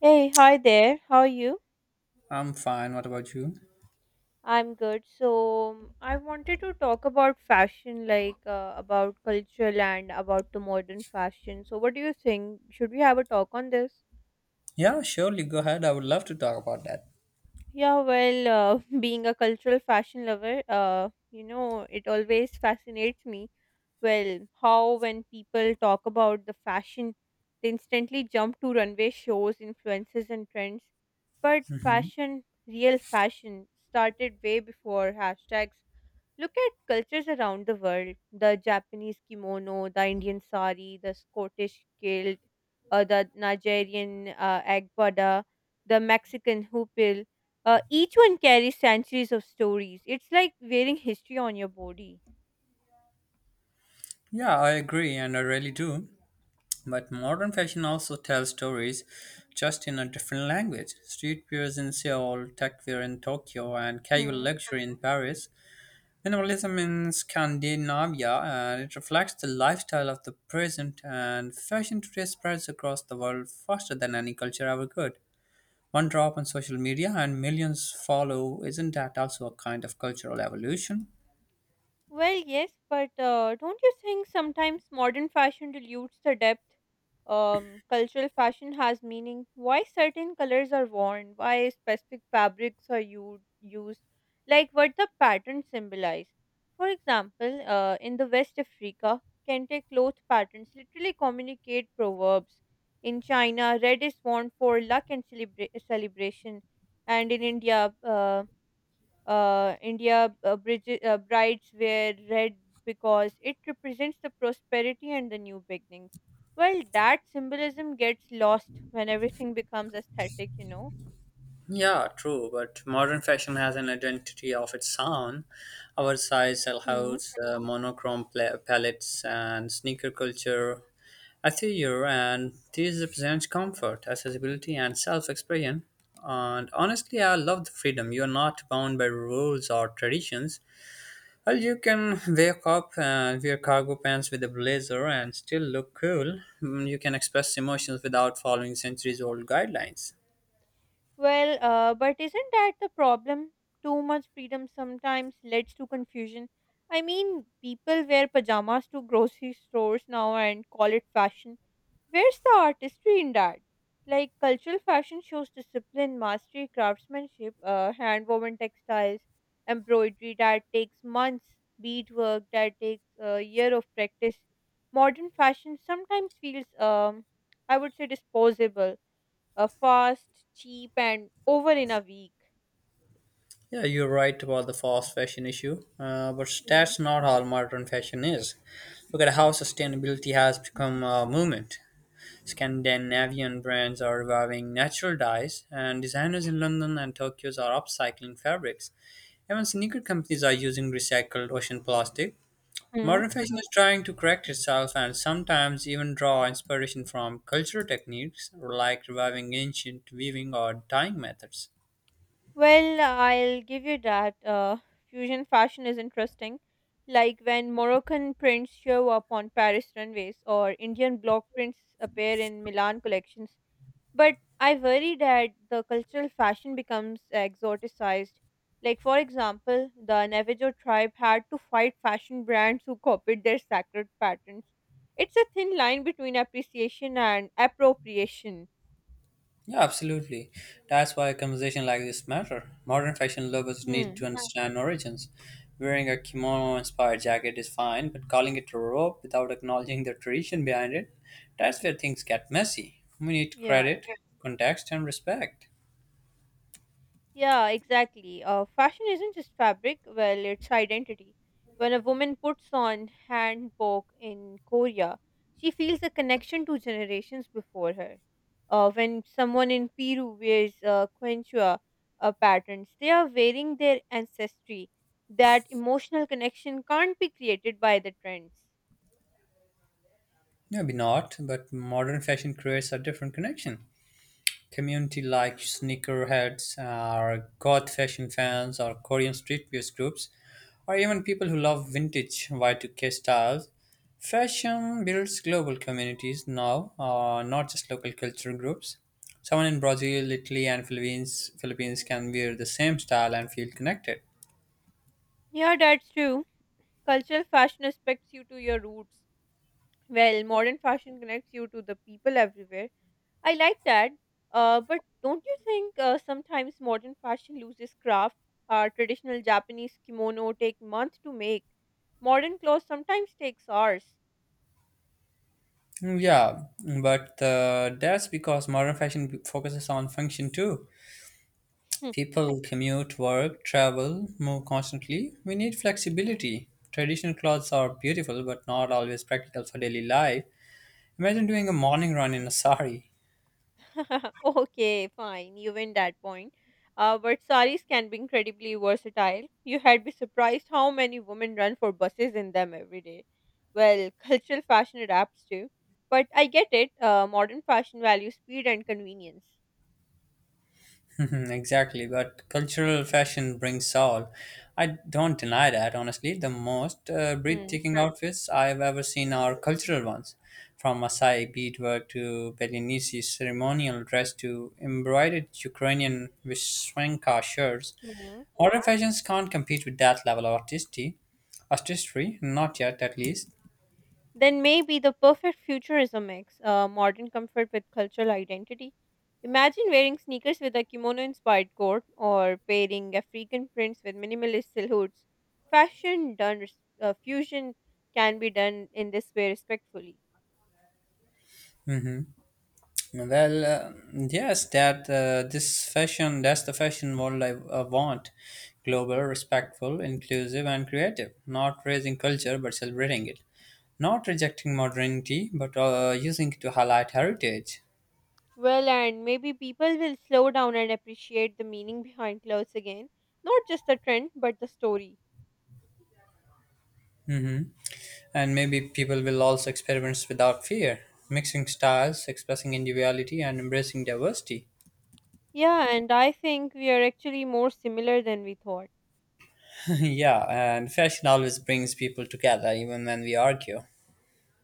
Hey, hi there. How are you? I'm fine. What about you? I'm good. So, I wanted to talk about fashion, like about cultural and about the modern fashion. So, what do you think? Should we have a talk on this? Yeah, surely. Go ahead. I would love to talk about that. Yeah, well, being a cultural fashion lover, it always fascinates me. Well, how when people talk about the fashion, they instantly jump to runway shows, influences, and trends. But Mhm. fashion, real fashion, started way before hashtags. Look at cultures around the world: the Japanese kimono, the Indian sari, the Scottish kilt, the Nigerian agbada, the Mexican hoopil. Each one carries centuries of stories. It's like wearing history on your body. Yeah, I agree, and I really do. But modern fashion also tells stories just in a different language. Streetwear in Seoul, techwear in Tokyo, and casual Hmm. luxury in Paris. Minimalism in Scandinavia, and it reflects the lifestyle of the present, and fashion today spreads across the world faster than any culture ever could. One drop on social media and millions follow. Isn't that also a kind of cultural evolution? Well, yes, but don't you think sometimes modern fashion dilutes the depth? Cultural fashion has meaning. Why certain colors are worn? Why specific fabrics are used? Like what the patterns symbolize. For example, in the West Africa, kente cloth patterns literally communicate proverbs. In China, red is worn for luck and celebration, and in India, India brides wear red because it represents the prosperity and the new beginnings. Well, that symbolism gets lost when everything becomes aesthetic. Yeah, true, but modern fashion has an identity of its own. Oversized Hmm. silhouettes, monochrome palettes, and sneaker culture. Atelier, and these represents comfort, accessibility, and self-expression. And honestly, I love the freedom. You are not bound by rules or traditions. Well, you can wake up and wear cargo pants with a blazer and still look cool. You can express emotions without following centuries old guidelines. Well, but isn't that the problem? Too much freedom sometimes leads to confusion. I mean, people wear pajamas to grocery stores now and call it fashion. Where's the artistry in that? Like cultural fashion shows discipline, mastery, craftsmanship, hand woven textiles, embroidery that takes months, beadwork that takes a year of practice. Modern fashion sometimes feels, I would say, disposable, fast, cheap, and over in a week. Yeah, you're right about the fast fashion issue, but that's not how modern fashion is. Look at how sustainability has become a movement. Scandinavian brands are reviving natural dyes, and designers in London and Tokyo are upcycling fabrics. Even sneaker companies are using recycled ocean plastic. Mm. Modern fashion is trying to correct itself and sometimes even draw inspiration from cultural techniques like reviving ancient weaving or dyeing methods. Well, I'll give you that. Fusion fashion is interesting. Like when Moroccan prints show up on Paris runways or Indian block prints appear in Milan collections. But I worry that the cultural fashion becomes exoticized. Like, for example, the Navajo tribe had to fight fashion brands who copied their sacred patterns. It's a thin line between appreciation and appropriation. Yeah, absolutely. That's why a conversation like this matter. Modern fashion lovers need to Hmm. understand origins. Wearing a kimono-inspired jacket is fine, but calling it a robe without acknowledging the tradition behind it, that's where things get messy. We need Yeah. credit, context, and respect. Yeah, exactly. Fashion isn't just fabric, well, it's identity. When a woman puts on hanbok in Korea, she feels a connection to generations before her. When someone in Peru wears quechua patterns, they are wearing their ancestry. That emotional connection can't be created by the trends. Maybe not, but modern fashion creates a different connection. Community like sneakerheads or goth fashion fans or Korean street views groups or even people who love vintage Y2K styles. Fashion builds global communities now, not just local cultural groups. Someone in Brazil, Italy, and Philippines can wear the same style and feel connected. Yeah, that's true. Cultural fashion aspects you to your roots. Well, modern fashion connects you to the people everywhere. I like that. But don't you think sometimes modern fashion loses craft? Our traditional Japanese kimono take months to make. Modern clothes sometimes takes hours. Yeah, but that's because modern fashion focuses on function too. Hmm. People commute, work, travel, move constantly. We need flexibility. Traditional clothes are beautiful but not always practical for daily life. Imagine doing a morning run in a sari. Okay, fine. You win that point. But saris can be incredibly versatile. You had be surprised how many women run for buses in them every day. Well, cultural fashion adapts too. But I get it. Modern fashion values speed and convenience. Exactly, but cultural fashion brings all. I don't deny that, honestly. The most breathtaking outfits I've ever seen are cultural ones, from Maasai beadwork to Belize ceremonial dress to embroidered Ukrainian Vishwenka shirts. Hmm. Modern fashions can't compete with that level of artistry, not yet at least. Then maybe the perfect future is a mix, modern comfort with cultural identity. Imagine wearing sneakers with a kimono inspired coat or pairing African prints with minimalist silhouettes. Fashion done, fusion can be done in this way respectfully. Well, yes, that's the fashion world I want. Global, Mm. respectful, inclusive, and creative. Not raising culture, but celebrating it. Not rejecting modernity, but using it to highlight heritage. Well, and maybe people will slow down and appreciate the meaning behind clothes again, not just the trend, but the story. Hmm. And maybe people will also experiment without fear, mixing styles, expressing individuality, and embracing diversity. Yeah, and I think we are actually more similar than we thought. Yeah, and fashion always brings people together, even when we argue.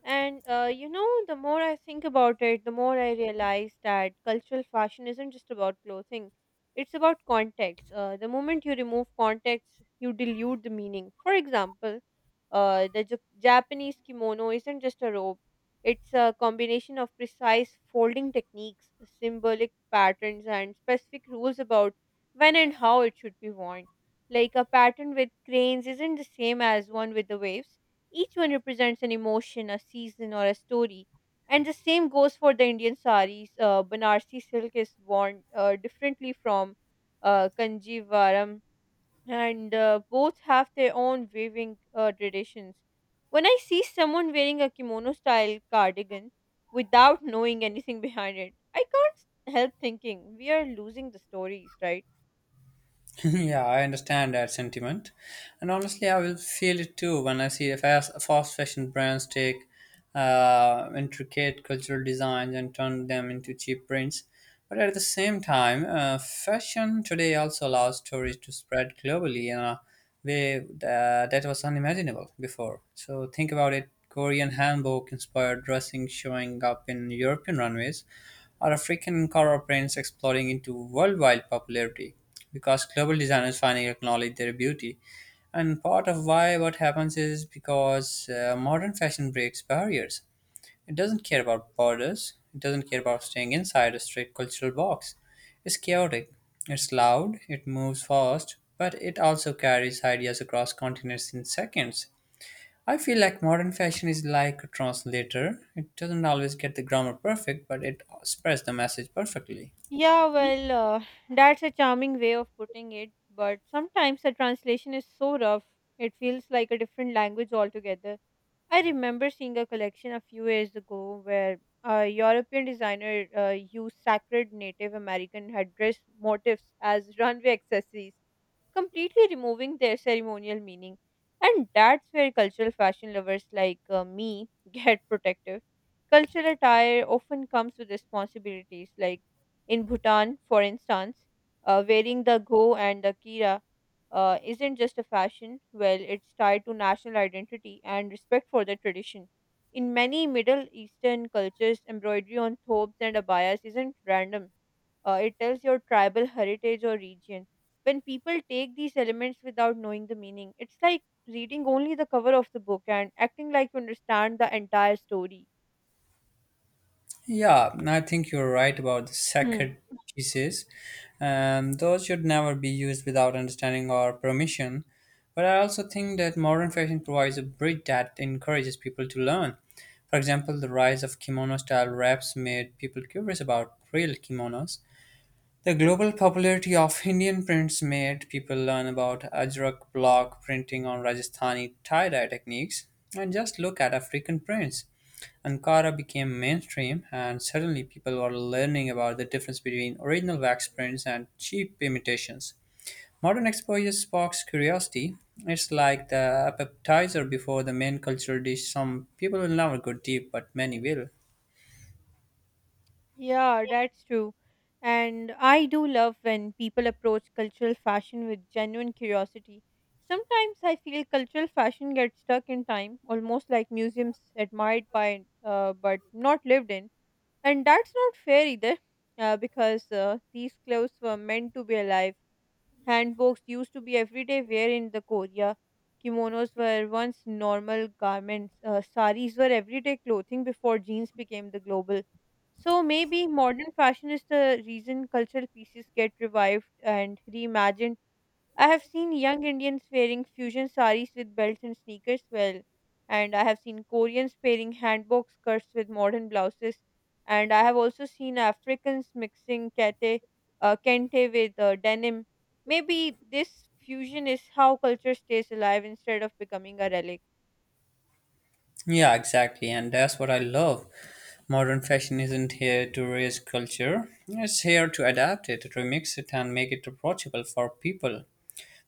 The more I think about it, the more I realize that cultural fashion isn't just about clothing. It's about context. The moment you remove context, you dilute the meaning. For example, Japanese kimono isn't just a robe, it's a combination of precise folding techniques, symbolic patterns, and specific rules about when and how it should be worn. Like a pattern with cranes isn't the same as one with the waves. Each one represents an emotion, a season, or a story. And the same goes for the Indian saris. Banarsi silk is worn differently from Kanjivaram, and both have their own weaving traditions. When I see someone wearing a kimono style cardigan without knowing anything behind it, I can't help thinking we are losing the stories, right? Yeah, I understand that sentiment. And honestly, I will feel it too when I see the fast fashion brands take intricate cultural designs and turn them into cheap prints. But at the same time, fashion today also allows stories to spread globally in a way that was unimaginable before. So think about it: Korean hanbok inspired dressing showing up in European runways, or African color prints exploding into worldwide popularity because global designers finally acknowledge their beauty. And part of why what happens is because modern fashion breaks barriers. It doesn't care about borders, it doesn't care about staying inside a strict cultural box. It's chaotic, it's loud, it moves fast, but it also carries ideas across continents in seconds. I feel like modern fashion is like a translator. It doesn't always get the grammar perfect, but it spreads the message perfectly. Yeah, well, that's a charming way of putting it, but sometimes the translation is so rough, it feels like a different language altogether. I remember seeing a collection a few years ago where a European designer used sacred Native American headdress motifs as runway accessories, completely removing their ceremonial meaning. And that's where cultural fashion lovers like me get protective. Cultural attire often comes with responsibilities, like in Bhutan, for instance, wearing the go and the kira isn't just a fashion, well, it's tied to national identity and respect for the tradition. In many Middle Eastern cultures, embroidery on thobes and abayas isn't random, it tells your tribal heritage or region. When people take these elements without knowing the meaning, it's like reading only the cover of the book and acting like you understand the entire story. Yeah, I think you're right about the Hmm. sacred pieces. Those should never be used without understanding or permission. But I also think that modern fashion provides a bridge that encourages people to learn. For example, the rise of kimono style wraps made people curious about real kimonos. The global popularity of Indian prints made people learn about Ajrak block printing on Rajasthani tie dye techniques. And just look at African prints. Ankara became mainstream, and suddenly people were learning about the difference between original wax prints and cheap imitations. Modern exposure sparks curiosity. It's like the appetizer before the main cultural dish. Some people will never go deep, but many will. Yeah, that's true. And I do love when people approach cultural fashion with genuine curiosity. Sometimes I feel cultural fashion gets stuck in time, almost like museums admired by but not lived in. And that's not fair either, because these clothes were meant to be alive. Handbooks used to be everyday wear in the Korea. Kimonos were once normal garments. Saris were everyday clothing before jeans became the global. So maybe modern fashion is the reason cultural pieces get revived and reimagined. I have seen young Indians wearing fusion saris with belts and sneakers, well, and I have seen Koreans pairing hanbok skirts with modern blouses, and I have also seen Africans mixing kente with denim. Maybe this fusion is how culture stays alive instead of becoming a relic. Yeah, exactly, and that's what I love. Modern fashion isn't here to raise culture, it's here to adapt it, remix it, and make it approachable for people.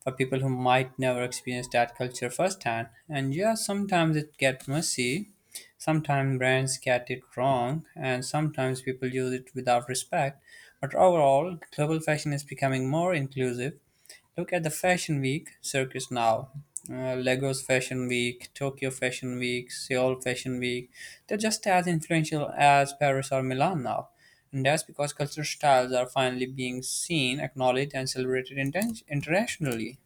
Who might never experience that culture firsthand. And yeah, sometimes it gets messy, sometimes brands get it wrong, and sometimes people use it without respect. But overall, global fashion is becoming more inclusive. Look at the Fashion Week circus now. Lagos Fashion Week, Tokyo Fashion Week, Seoul Fashion Week, they're just as influential as Paris or Milan now. And that's because cultural styles are finally being seen, acknowledged, and celebrated internationally.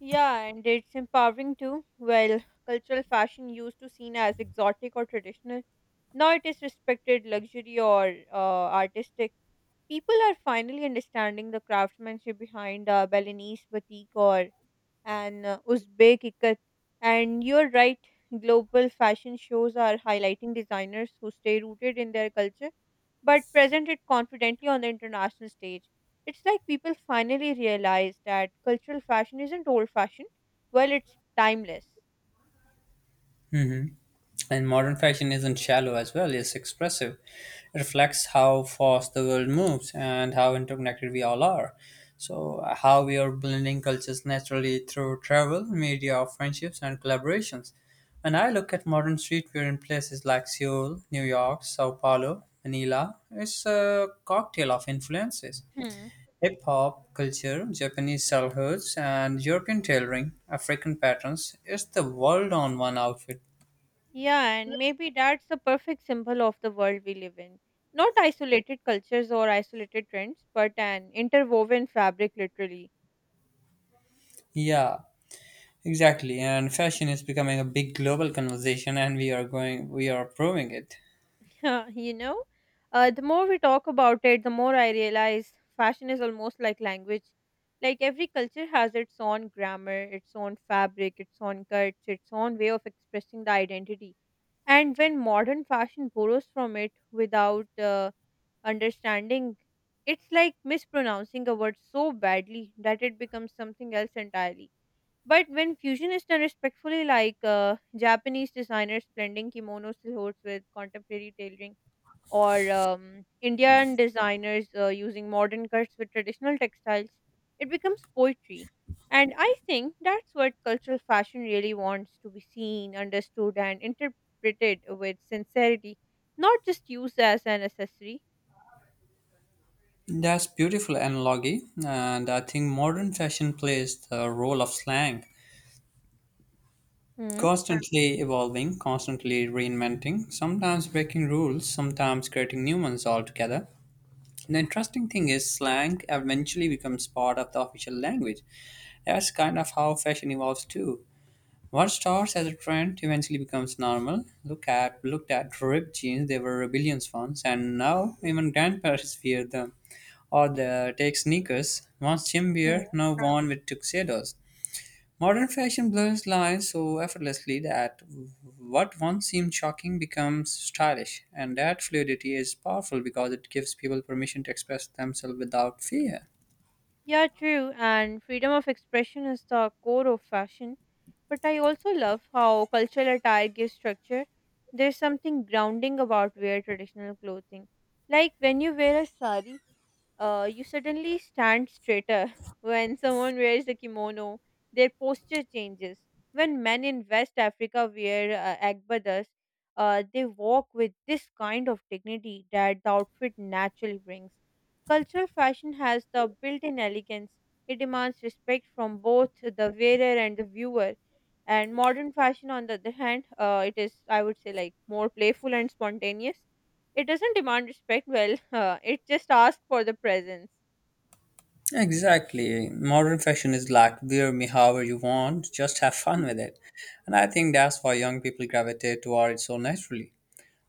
Yeah, and it's empowering too. Well, cultural fashion used to seen as exotic or traditional. Now it is respected luxury or artistic. People are finally understanding the craftsmanship behind a Balinese batik or and Uzbek ikat. And you're right, global fashion shows are highlighting designers who stay rooted in their culture but present it confidently on the international stage. It's like people finally realize that cultural fashion isn't old fashioned, well, it's timeless. Hmm. And modern fashion isn't shallow as well, it's expressive. It reflects how fast the world moves and how interconnected we all are. So, how we are blending cultures naturally through travel, media, friendships, and collaborations. When I look at modern streetwear in places like Seoul, New York, Sao Paulo, Manila, it's a cocktail of influences: Hmm. hip hop culture, Japanese childhoods, and European tailoring, African patterns. It's the world on one outfit. Yeah, and maybe that's the perfect symbol of the world we live in. Not isolated cultures or isolated trends, but an interwoven fabric, literally. Yeah, exactly, and fashion is becoming a big global conversation, and we are proving it. Uh, you know, the more we talk about it, the more I realize fashion is almost like language. Like every culture has its own grammar, its own fabric, its own cuts, its own way of expressing the identity. And when modern fashion borrows from it without understanding, it's like mispronouncing a word so badly that it becomes something else entirely. But when fusion is done respectfully, like Japanese designers blending kimono silhouettes with contemporary tailoring, or Indian designers using modern cuts with traditional textiles, it becomes poetry. And I think that's what cultural fashion really wants: to be seen, understood, and interpreted with sincerity, not just used as an accessory. That's beautiful analogy, and I think modern fashion plays the role of slang, Hmm. constantly evolving, constantly reinventing, sometimes breaking rules, sometimes creating new ones altogether. The interesting thing is, slang eventually becomes part of the official language. That's kind of how fashion evolves too. What starts as a trend eventually becomes normal. Look at ripped jeans; they were rebellions once, and now even grandparents wear them. Or the take sneakers, once gym Hmm. wear, now worn with tuxedos. Modern fashion blurs lines so effortlessly that what once seemed shocking becomes stylish, and that fluidity is powerful because it gives people permission to express themselves without fear. Yeah, true. And freedom of expression is the core of fashion. But I also love how cultural attire gives structure. There's something grounding about wear traditional clothing. Like when you wear a sari, you suddenly stand straighter. When someone wears a kimono, their posture changes. When men in West Africa wear agbadas, they walk with this kind of dignity that the outfit naturally brings. Cultural fashion has the built in elegance, it demands respect from both the wearer and the viewer. And modern fashion, on the other hand, it is, I would say, like more playful and spontaneous. It doesn't demand respect, well, it just asks for the presence. Exactly. Modern fashion is like wear me however you want, just have fun with Mhm. it. And I think that's why young people gravitate toward it so naturally.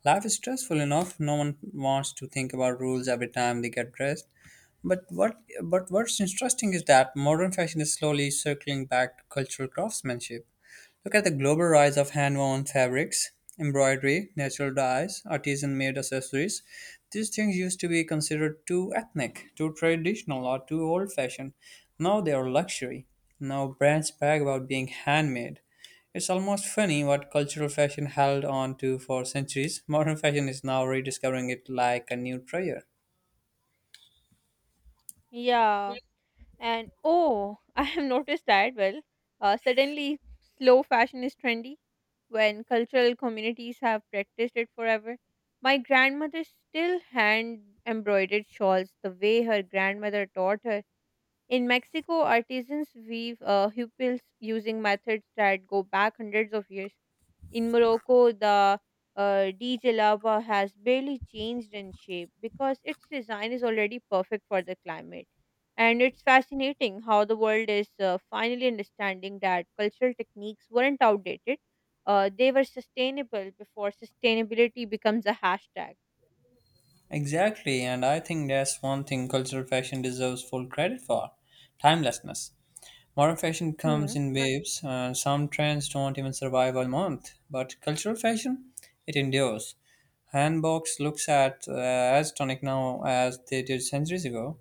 Life is stressful enough, no one wants to think about rules every time they get dressed. But what's interesting is that modern fashion is slowly circling back to cultural craftsmanship. Look at the global rise of hand-woven fabrics, embroidery, natural dyes, artisan-made accessories. These things used to be considered too ethnic, too traditional, or too old-fashioned. Now they are luxury. Now brands brag about being handmade. It's almost funny what cultural fashion held on to for centuries. Modern fashion is now rediscovering it like a new treasure. Yeah, and oh, I have noticed that. Well, suddenly slow fashion is trendy when cultural communities have practiced it forever. My grandmother still hand embroidered shawls the way her grandmother taught her. In Mexico, artisans weave hupils using methods that go back hundreds of years. In Morocco, the Djalaba has barely changed in shape because its design is already perfect for the climate. And it's fascinating how the world is finally understanding that cultural techniques weren't outdated. They were sustainable before sustainability becomes a hashtag. Exactly, and I think that's one thing cultural fashion deserves full credit for timelessness. Modern fashion comes in waves, some trends don't even survive a month, but cultural fashion, it endures. Handbox looks at as tonic now as they did centuries ago.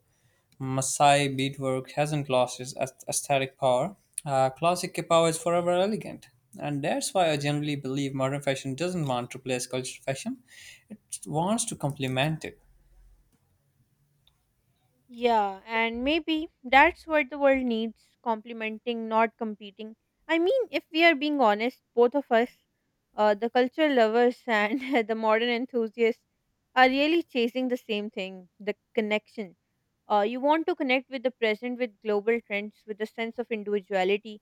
Maasai beadwork hasn't lost its aesthetic power. Classic power is forever elegant. And that's why I generally believe modern fashion doesn't want to replace cultural fashion. It wants to complement it. Yeah, and maybe that's what the world needs: complementing, not competing. I mean, if we are being honest, both of us, the cultural lovers and the modern enthusiasts, are really chasing the same thing: the connection. You want to connect with the present, with global trends, with a sense of individuality.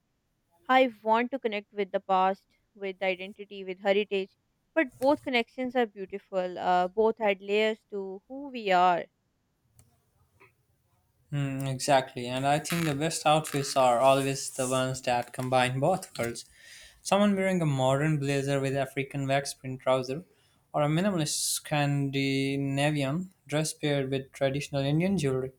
I want to connect with the past, with identity, with heritage. But both connections are beautiful, both add layers to who we are. Mm, exactly. And I think the best outfits are always the ones that combine both worlds. Someone wearing a modern blazer with African wax print trouser, or a minimalist Scandinavian dress paired with traditional Indian jewelry,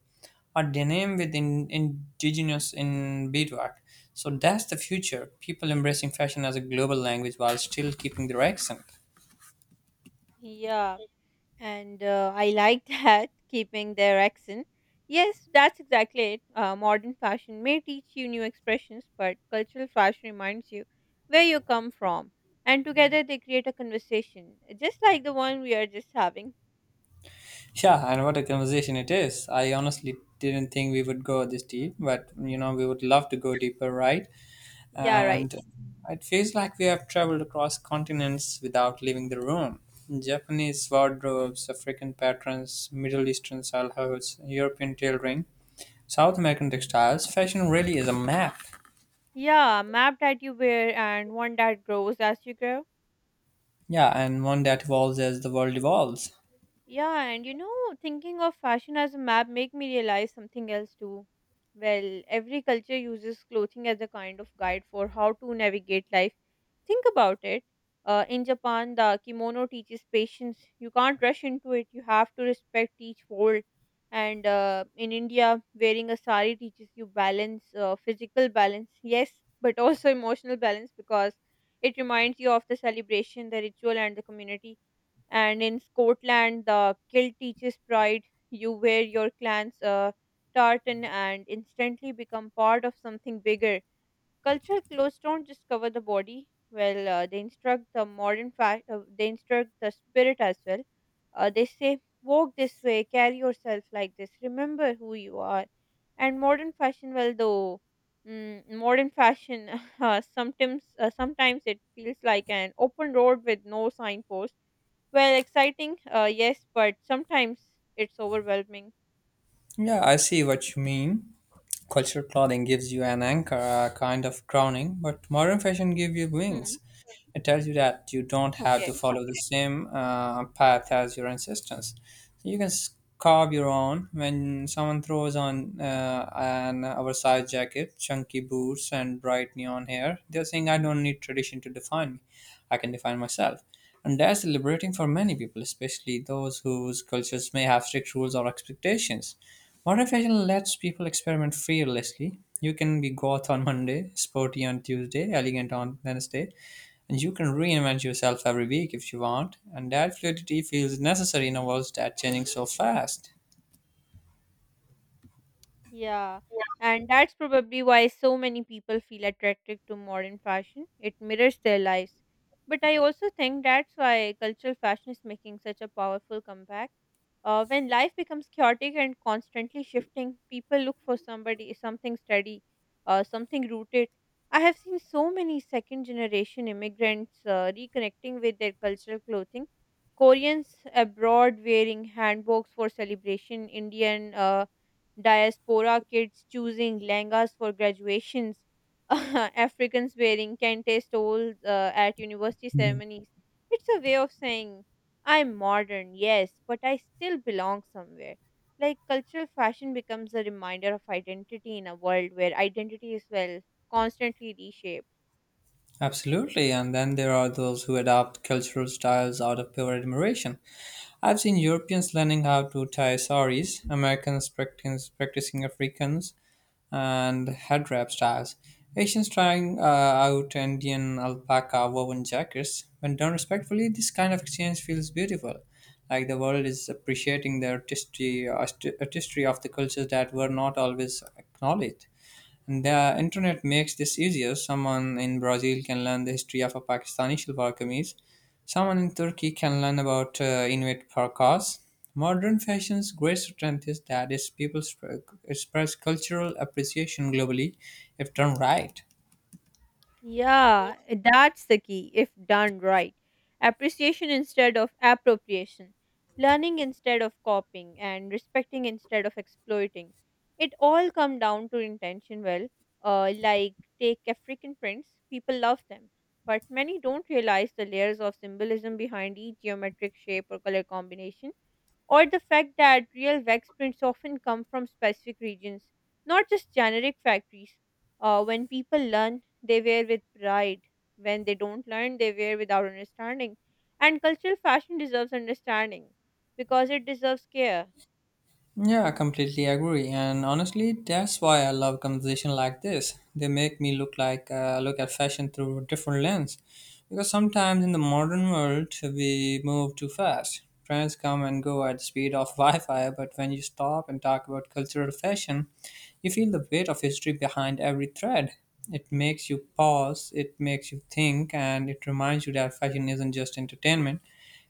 or denim with indigenous in beadwork. So that's the future. People embracing fashion as a global language while still keeping their accent. Yeah. and I like that, keeping their accent. Yes, that's exactly it. Modern fashion may teach you new expressions, but cultural fashion reminds you where you come from, and together they create a conversation, just like the one we are just having. Yeah, and what a conversation it is. I honestly didn't think we would go this deep, but we would love to go deeper, right? Yeah, right. And it feels like we have traveled across continents without leaving the room. Japanese wardrobes, African patterns, Middle Eastern style hoods, European tailoring, South American textiles, fashion really is a map. Yeah, map that you wear and one that grows as you grow. Yeah, and one that evolves as the world evolves. Yeah, and you know, thinking of fashion as a map make me realize something else too. Well, every culture uses clothing as a kind of guide for how to navigate life. Think about it. In Japan, the kimono teaches patience. You can't rush into it. You have to respect each fold. And in India, wearing a sari teaches you balance, physical balance, yes, but also emotional balance because it reminds you of the celebration, the ritual, and the community, and in Scotland, the kilt teaches pride. You wear your clan's tartan and instantly become part of something bigger. Cultural clothes don't just cover the body. Well, they instruct the modern fact. They instruct the spirit as well. They say, "Walk this way. Carry yourself like this. Remember who you are." And modern fashion, well, though. Mm, modern fashion sometimes it feels like an open road with no signpost, well, exciting, yes, but sometimes it's overwhelming. Yeah, I see what you mean. Cultural clothing gives you an anchor, a kind of crowning, but modern fashion gives you Hmm. wings. It tells you that you don't have Okay. to follow the same path as your ancestors. So you can carve your own. When someone throws on an oversized jacket, chunky boots, and bright neon hair, they're saying, I don't need tradition to define me. I can define myself. And that's liberating for many people, especially those whose cultures may have strict rules or expectations. Modern fashion lets people experiment fearlessly. You can be goth on Monday, sporty on Tuesday, elegant on Wednesday, and you can reinvent yourself every week if you want. And that fluidity feels necessary in a world that's changing so fast. Yeah, and that's probably why so many people feel attracted to modern fashion. It mirrors their lives. But I also think that's why cultural fashion is making such a powerful comeback. When life becomes chaotic and constantly shifting, people look for somebody, something steady, something rooted. I have seen so many second generation immigrants reconnecting with their cultural clothing. Koreans abroad wearing hanboks for celebration, Indian diaspora kids choosing langas for graduations, Africans wearing kente stoles at university Mhm. ceremonies. It's a way of saying, I'm modern, yes, but I still belong somewhere. Like cultural fashion becomes a reminder of identity in a world where identity is, well, constantly reshaped. Absolutely, and then there are those who adopt cultural styles out of pure admiration. I've seen Europeans learning how to tie saris, Americans practicing Africans, and head wrap styles. Asians trying out Indian alpaca woven jackets. When done respectfully, this kind of exchange feels beautiful, like the world is appreciating the artistry, artistry of the cultures that were not always acknowledged. The internet makes this easier. Someone in Brazil can learn the history of a Pakistani shalwar kameez. Someone in Turkey can learn about Inuit parkas. Modern fashion's great strength is that its people express cultural appreciation globally if done right. Yeah, that's the key if done right. Appreciation instead of appropriation, learning instead of copying, and respecting instead of exploiting. It all come down to intention. Well, like take African prints, people love them, but many don't realize the layers of symbolism behind each geometric shape or color combination, or the fact that real wax prints often come from specific regions, not just generic factories. When people learn, they wear with pride. When they don't learn, they wear without understanding. And cultural fashion deserves understanding because it deserves care. Yeah, I completely agree. And honestly, that's why I love conversation like this. They make me look like look at fashion through a different lens. Because sometimes in the modern world, we move too fast. Trends come and go at the speed of Wi-Fi, but when you stop and talk about cultural fashion, you feel the weight of history behind every thread. It makes you pause, it makes you think, and it reminds you that fashion isn't just entertainment.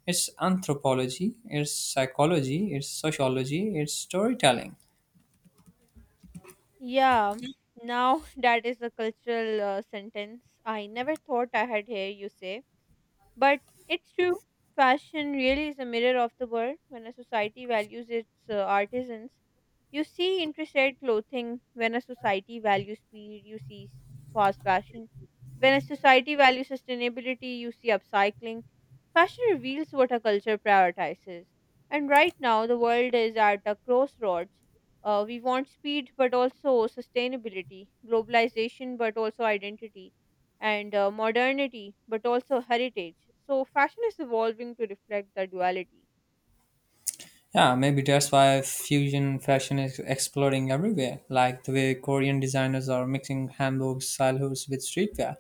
It's anthropology, it's psychology, it's sociology, it's storytelling. Yeah, now that is a cultural sentence I never thought I had heard you say. But it's true, fashion really is a mirror of the world. When a society values its artisans, you see interested clothing. When a society values speed, you see fast fashion. When a society values sustainability, you see upcycling. Fashion reveals what a culture prioritizes. And right now, the world is at a crossroads. We want speed, but also sustainability, globalization, but also identity, and modernity, but also heritage. So fashion is evolving to reflect the duality. Yeah, maybe that's why fusion fashion is exploding everywhere, like the way Korean designers are mixing Hamburg style hoods with streetwear.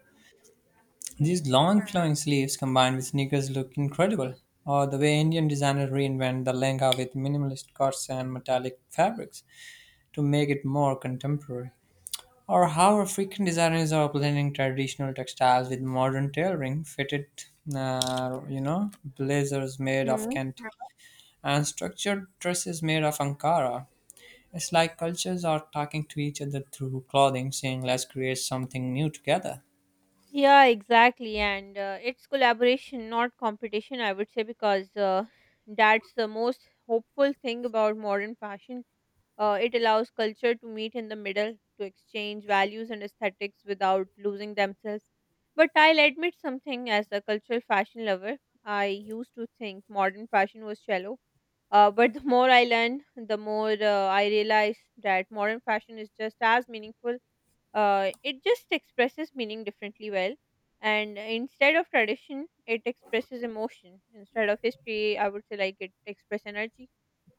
These Hmm. long flowing sleeves combined with sneakers look incredible. Or the way Indian designers reinvent the lehenga with minimalist cuts and metallic fabrics to make it more contemporary. Or how African designers are blending traditional textiles with modern tailoring, fitted, you know, blazers made of Hmm. Kent and structured dresses made of Ankara. It's like cultures are talking to each other through clothing, saying, let's create something new together. Yeah, exactly. And it's collaboration, not competition, I would say, because that's the most hopeful thing about modern fashion. It allows culture to meet in the middle, to exchange values and aesthetics without losing themselves. But I'll admit something as a cultural fashion lover. I used to think modern fashion was shallow. But the more I learn, the more I realize that modern fashion is just as meaningful. It just expresses meaning differently, well. And instead of tradition, it expresses emotion. Instead of history, I would say like it expresses energy.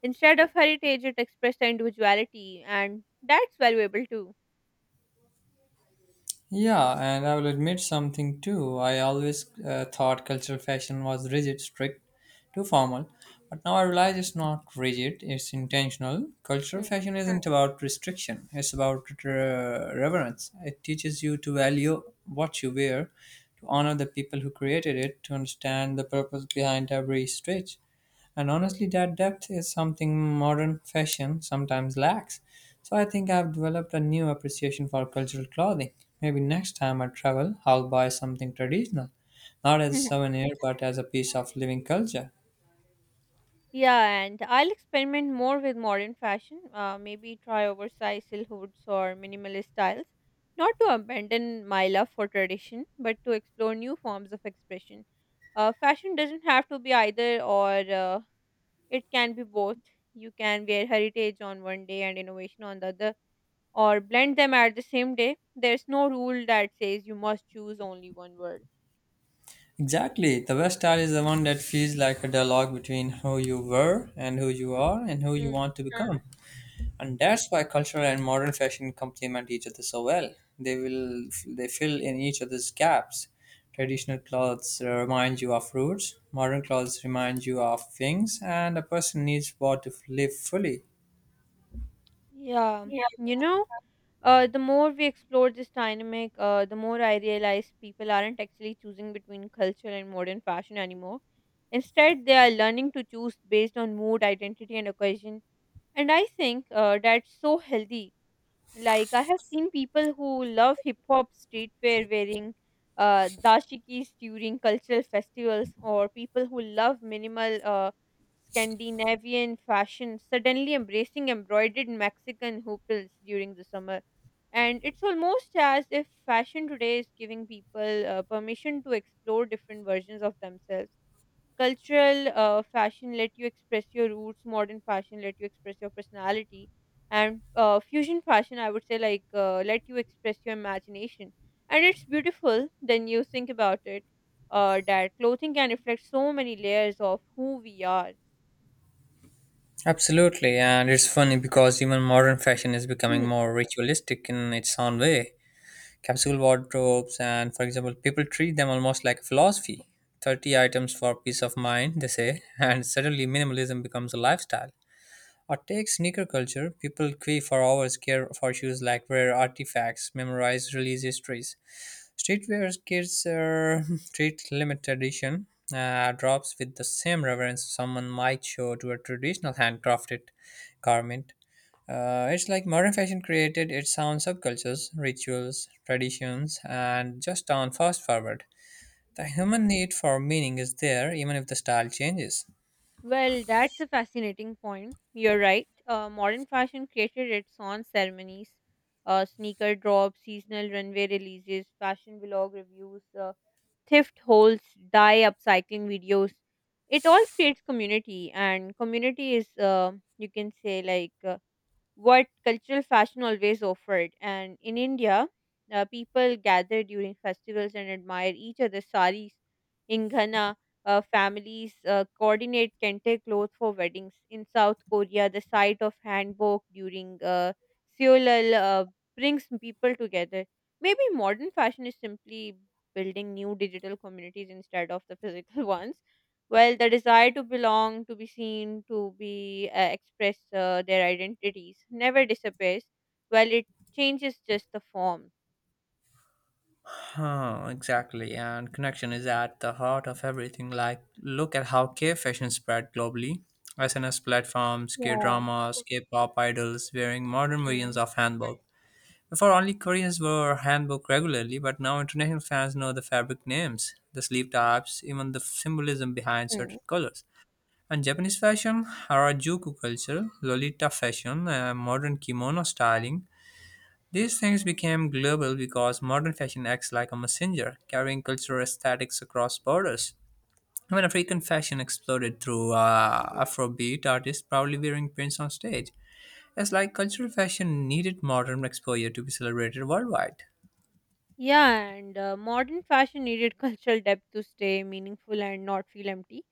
Instead of heritage, it expressed their individuality, and that's valuable too. Yeah, and I will admit something too. I always thought cultural fashion was rigid, strict, too formal. But now I realize it's not rigid, it's intentional. Cultural Hmm. fashion isn't about restriction, it's about reverence. It teaches you to value what you wear, to honor the people who created it, to understand the purpose behind every stitch. And honestly, that depth is something modern fashion sometimes lacks. So I think I've developed a new appreciation for cultural clothing. Maybe next time I travel, I'll buy something traditional, not as a souvenir, but as a piece of living culture. Yeah, and I'll experiment more with modern fashion. Maybe try oversized silhouettes or minimalist styles. Not to abandon my love for tradition, but to explore new forms of expression. Fashion doesn't have to be either or, it can be both. You can wear heritage on one day and innovation on the other, or blend them at the same day. There's no rule that says you must choose only one world. Exactly, the best style is the one that feels like a dialogue between who you were and who you are and who you Hmm. want to become. And that's why cultural and modern fashion complement each other so well. They will, they fill in each other's gaps. Traditional clothes remind you of roots, modern clothes remind you of things, and a person needs what to live fully. Yeah, Yeah. you know, the more we explore this dynamic, the more I realize people aren't actually choosing between culture and modern fashion anymore. Instead, they are learning to choose based on mood, identity, and occasion. And I think that's so healthy. Like I have seen people who love hip hop streetwear wearing dashikis during cultural festivals, or people who love minimal Scandinavian fashion suddenly embracing embroidered Mexican hoopals during the summer. And it's almost as if fashion today is giving people permission to explore different versions of themselves. Cultural fashion let you express your roots, modern fashion let you express your personality, and fusion fashion I would say like let you express your imagination, and it's beautiful then you think about it, that clothing can reflect so many layers of who we are. Absolutely, and it's funny because even modern fashion is becoming Hmm. more ritualistic in its own way. Capsule wardrobes, and for example, people treat them almost like a philosophy. 30 items for peace of mind, they say, and suddenly minimalism becomes a lifestyle. Or take sneaker culture. People queue for hours, care for shoes like rare artifacts, memorize release histories. Streetwear kids treat limited edition drops with the same reverence someone might show to a traditional handcrafted garment. It's like modern fashion created its own subcultures, rituals, traditions, and just on fast forward. The human need for meaning is there even if the style changes. Well, that's a fascinating point. You're right. Modern fashion created its own ceremonies, sneaker drops, seasonal runway releases, fashion vlog reviews, thrift hauls, dye upcycling videos. It all creates community, and community is, you can say, like, what cultural fashion always offered. And in India, people gather during festivals and admire each other's saris. In Ghana, families coordinate kente cloth for weddings. In South Korea, the sight of hanbok during Seollal brings people together. Maybe modern fashion is simply building new digital communities instead of the physical ones, well the desire to belong, to be seen, to be express their identities never disappears, well it changes just the form. Huh, exactly. And connection is at the heart of everything. Like, look at how K fashion spread globally. SNS platforms, K Yeah. dramas, K pop idols wearing modern versions Mm. of hanbok. Before, only Koreans wore hanbok regularly, but now international fans know the fabric names, the sleeve types, even the symbolism behind Mm. certain colors. And Japanese fashion, Harajuku culture, Lolita fashion, modern kimono styling, these things became global because modern fashion acts like a messenger, carrying cultural aesthetics across borders. When African fashion exploded through Afrobeat artists proudly wearing prints on stage, it's like cultural fashion needed modern exposure to be celebrated worldwide. Yeah, and modern fashion needed cultural depth to stay meaningful and not feel empty,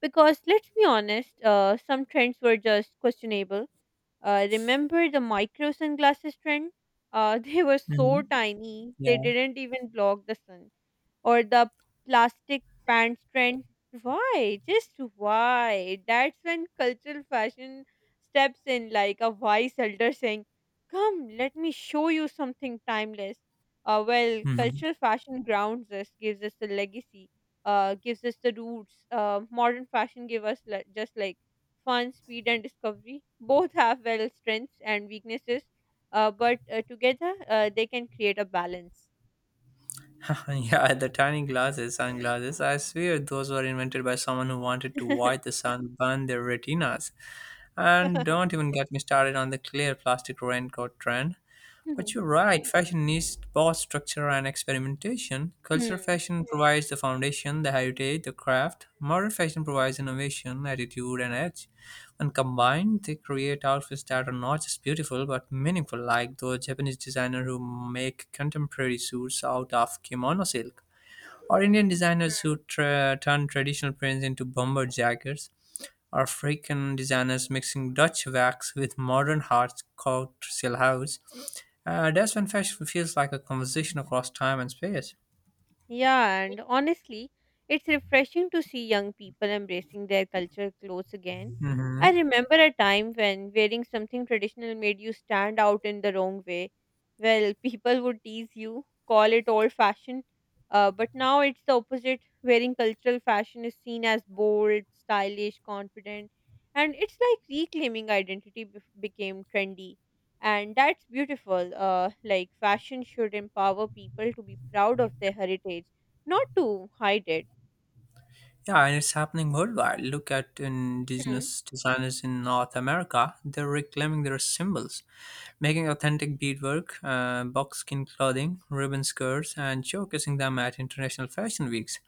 because let's be honest, some trends were just questionable. Remember the micro sunglasses trend, they were so Mhm. tiny they Yeah. didn't even block the sun, or the plastic pants trend. Why? Just why? That's when cultural fashion steps in like a wise elder saying, come, let me show you something timeless. Well, Mhm. cultural fashion grounds us, gives us the legacy, gives us the roots. Modern fashion give us just like fun, speed, and discovery. Both have well strengths and weaknesses, but together they can create a balance. Yeah, the tiny glasses, sunglasses, I swear those were invented by someone who wanted to watch the sun burn their retinas. And don't even get me started on the clear plastic raincoat trend. But you're right, fashion needs both structure and experimentation. Cultural Hmm. fashion provides the foundation, the heritage, the craft. Modern fashion provides innovation, attitude, and edge. When combined, they create outfits that are not just beautiful but meaningful, like those Japanese designers who make contemporary suits out of kimono silk, or Indian Hmm. designers who turn traditional prints into bomber jackets, or African designers mixing Dutch wax with modern hard silk house. That's when fashion feels like a conversation across time and space. Yeah, and honestly, it's refreshing to see young people embracing their cultural clothes again. Hmm. I remember a time when wearing something traditional made you stand out in the wrong way. Well, people would tease you, call it old fashioned, but now it's the opposite. Wearing cultural fashion is seen as bold, stylish, confident, and it's like reclaiming identity became trendy, and that's beautiful, like fashion should empower people to be proud of their heritage, not to hide it. Yeah, and it's happening worldwide. Look at Hmm. indigenous designers in North America. They're reclaiming their symbols, making authentic beadwork, buckskin clothing, ribbon skirts, and showcasing them at international fashion weeks.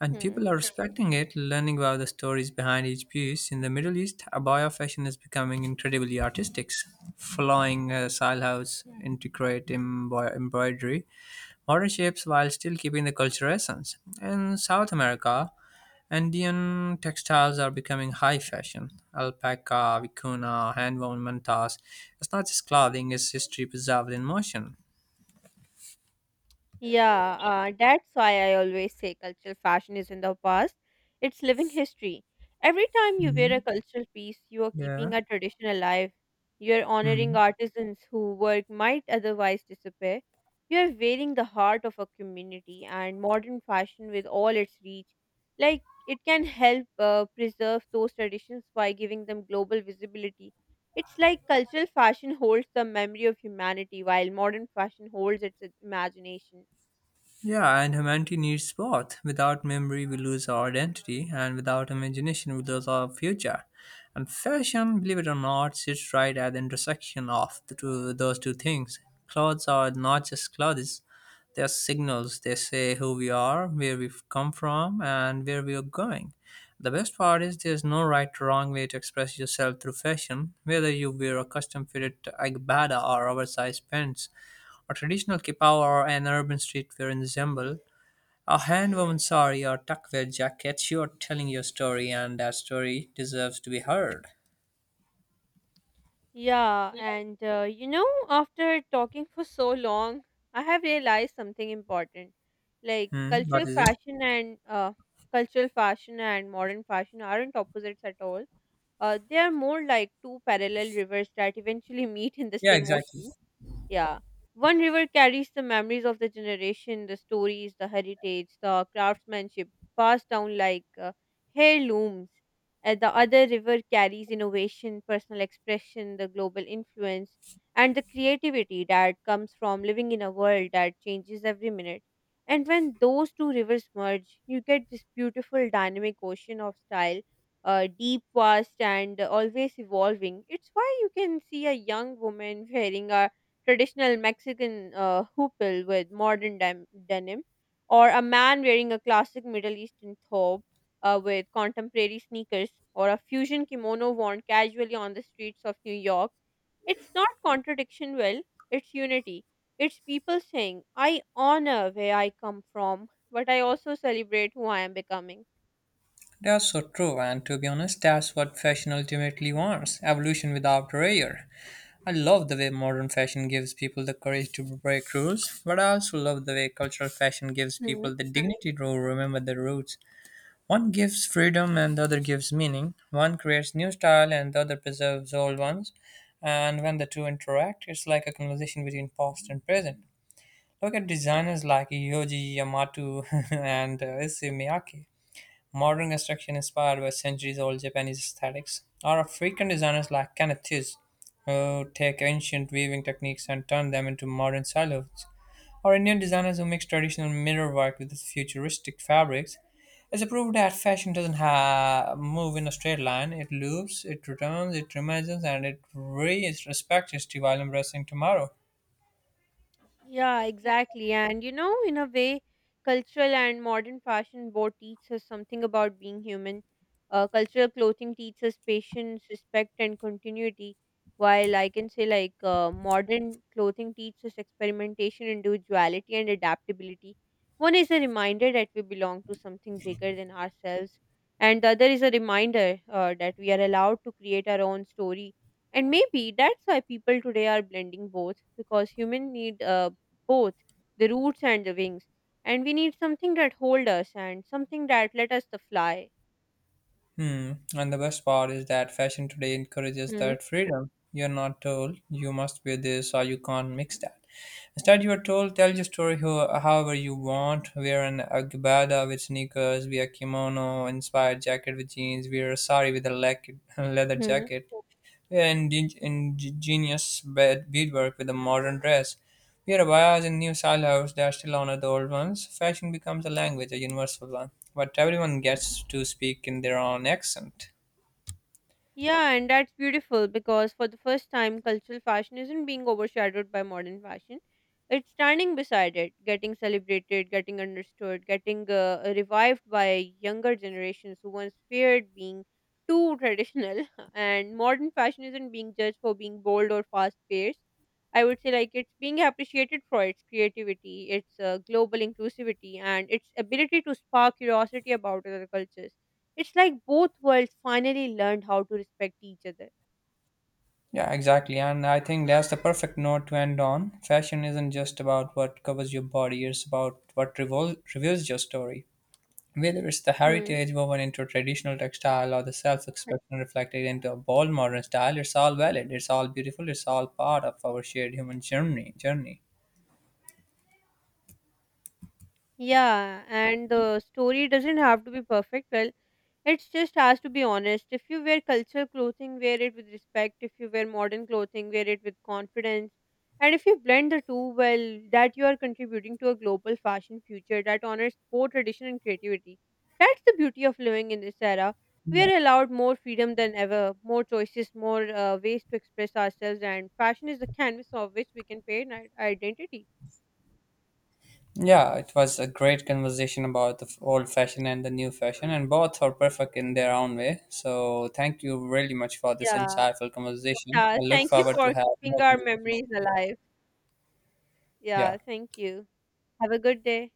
And Hmm. people are respecting it, learning about the stories behind each piece. In the Middle East, abaya fashion is becoming incredibly artistic, flowing style house, intricate embroidery, warships while still keeping the cultural essence. In South America, Andean textiles are becoming high fashion. Alpaca, vicuna, handwoven mantas. It's not just clothing; it's history preserved in motion. Yeah, that's why I always say cultural fashion is in the past. It's living history. Every time you wear a Mhm. cultural piece, you are Yeah. keeping a tradition alive. You're honoring Mhm. artisans whose work might otherwise disappear. You're wearing the heart of a community and modern fashion with all its reach. Like, it can help preserve those traditions by giving them global visibility. It's like cultural fashion holds the memory of humanity while modern fashion holds its imagination. Yeah, and humanity needs both. Without memory, we lose our identity, and without imagination, we lose our future. And fashion, believe it or not, sits right at the intersection of the two, those two things. Clothes are not just clothes, they are signals. They say who we are, where we've come from, and where we are going. The best part is there's no right or wrong way to express yourself through fashion, whether you wear a custom fitted Agbada or oversized pants, a traditional kippah or an urban streetwear ensemble, a hand-woven sari or tucked-wear jacket, you are telling your story and that story deserves to be heard. Yeah, and you know, after talking for so long, I have realized something important. Like Hmm, what cultural is it? fashion and modern fashion aren't opposites at all. They are more like two parallel rivers that eventually meet in the Yeah, same exactly. ocean. Yeah. One river carries the memories of the generation, the stories, the heritage, the craftsmanship passed down like heirlooms. The other river carries innovation, personal expression, the global influence, and the creativity that comes from living in a world that changes every minute. And when those two rivers merge, you get this beautiful dynamic ocean of style, deep, vast, and always evolving. It's why you can see a young woman wearing a traditional Mexican hoople with modern denim, or a man wearing a classic Middle Eastern thobe with contemporary sneakers, or a fusion kimono worn casually on the streets of New York. It's not contradiction, well, it's unity. It's people saying, I honor where I come from, but I also celebrate who I am becoming. That's so true, and to be honest, that's what fashion ultimately wants, evolution without prayer. I love the way modern fashion gives people the courage to break rules, but I also love the way cultural fashion gives people the dignity to remember their roots. One gives freedom and the other gives meaning. One creates new style and the other preserves old ones. And when the two interact, it's like a conversation between past and present. Look at designers like Yoji Yamato and Issey Miyake. Modern construction inspired by centuries old Japanese aesthetics. Or African designers like Kenneth Hughes, who take ancient weaving techniques and turn them into modern silos, or Indian designers who mix traditional mirror work with futuristic fabrics. It's a proof that fashion doesn't ha- move in a straight line. It loops, it returns, it reimagines, and it respects history while embracing tomorrow. Yeah, exactly. And you know, in a way, cultural and modern fashion both teach us something about being human. Cultural clothing teaches patience, respect, and continuity, while I can say, like, modern clothing teaches experimentation, individuality, and adaptability. One is a reminder that we belong to something bigger than ourselves, and the other is a reminder that we are allowed to create our own story, and maybe that's why people today are blending both because human need both the roots and the wings. And we need something that hold us and something that let us the fly. Hmm. And the best part is that fashion today encourages Hmm. that freedom. You're not told you must wear this or you can't mix that. Instead, you are told tell your story however you want. Wear an agbada with sneakers, wear a kimono inspired jacket with jeans, wear a sari with a leather Hmm. jacket. Ingenious beadwork with a modern dress. We are buyers in new style house that still honor the old ones. Fashion becomes a language, a universal one, but everyone gets to speak in their own accent. Yeah, and that's beautiful because for the first time, cultural fashion isn't being overshadowed by modern fashion. It's standing beside it, getting celebrated, getting understood, getting revived by younger generations who once feared being too traditional. And modern fashion isn't being judged for being bold or fast paced. I would say, like, it's being appreciated for its creativity, its global inclusivity, and its ability to spark curiosity about other cultures. It's like both worlds finally learned how to respect each other. Yeah, exactly. And I think that's the perfect note to end on. Fashion isn't just about what covers your body, it's about what reveals your story. Whether it's the Hmm. heritage woven into traditional textile or the self expression reflected into a bold modern style, it's all valid, it's all beautiful, it's all part of our shared human journey. Journey. Yeah, and the story doesn't have to be perfect. Well, it's just us to be honest. If you wear cultural clothing, wear it with respect. If you wear modern clothing, wear it with confidence. And if you blend the two well, that you are contributing to a global fashion future that honors both tradition and creativity. That's the beauty of living in this era. We are allowed more freedom than ever, more choices, more ways to express ourselves, and fashion is the canvas of which we can paint our identity. Yeah, it was a great conversation about the old fashion and the new fashion, and both are perfect in their own way. So, thank you really much for this Yeah. insightful conversation. Yeah. I look Thank you forward to for have keeping more our conversation. memories alive. Yeah. Yeah. Thank you. Have a good day.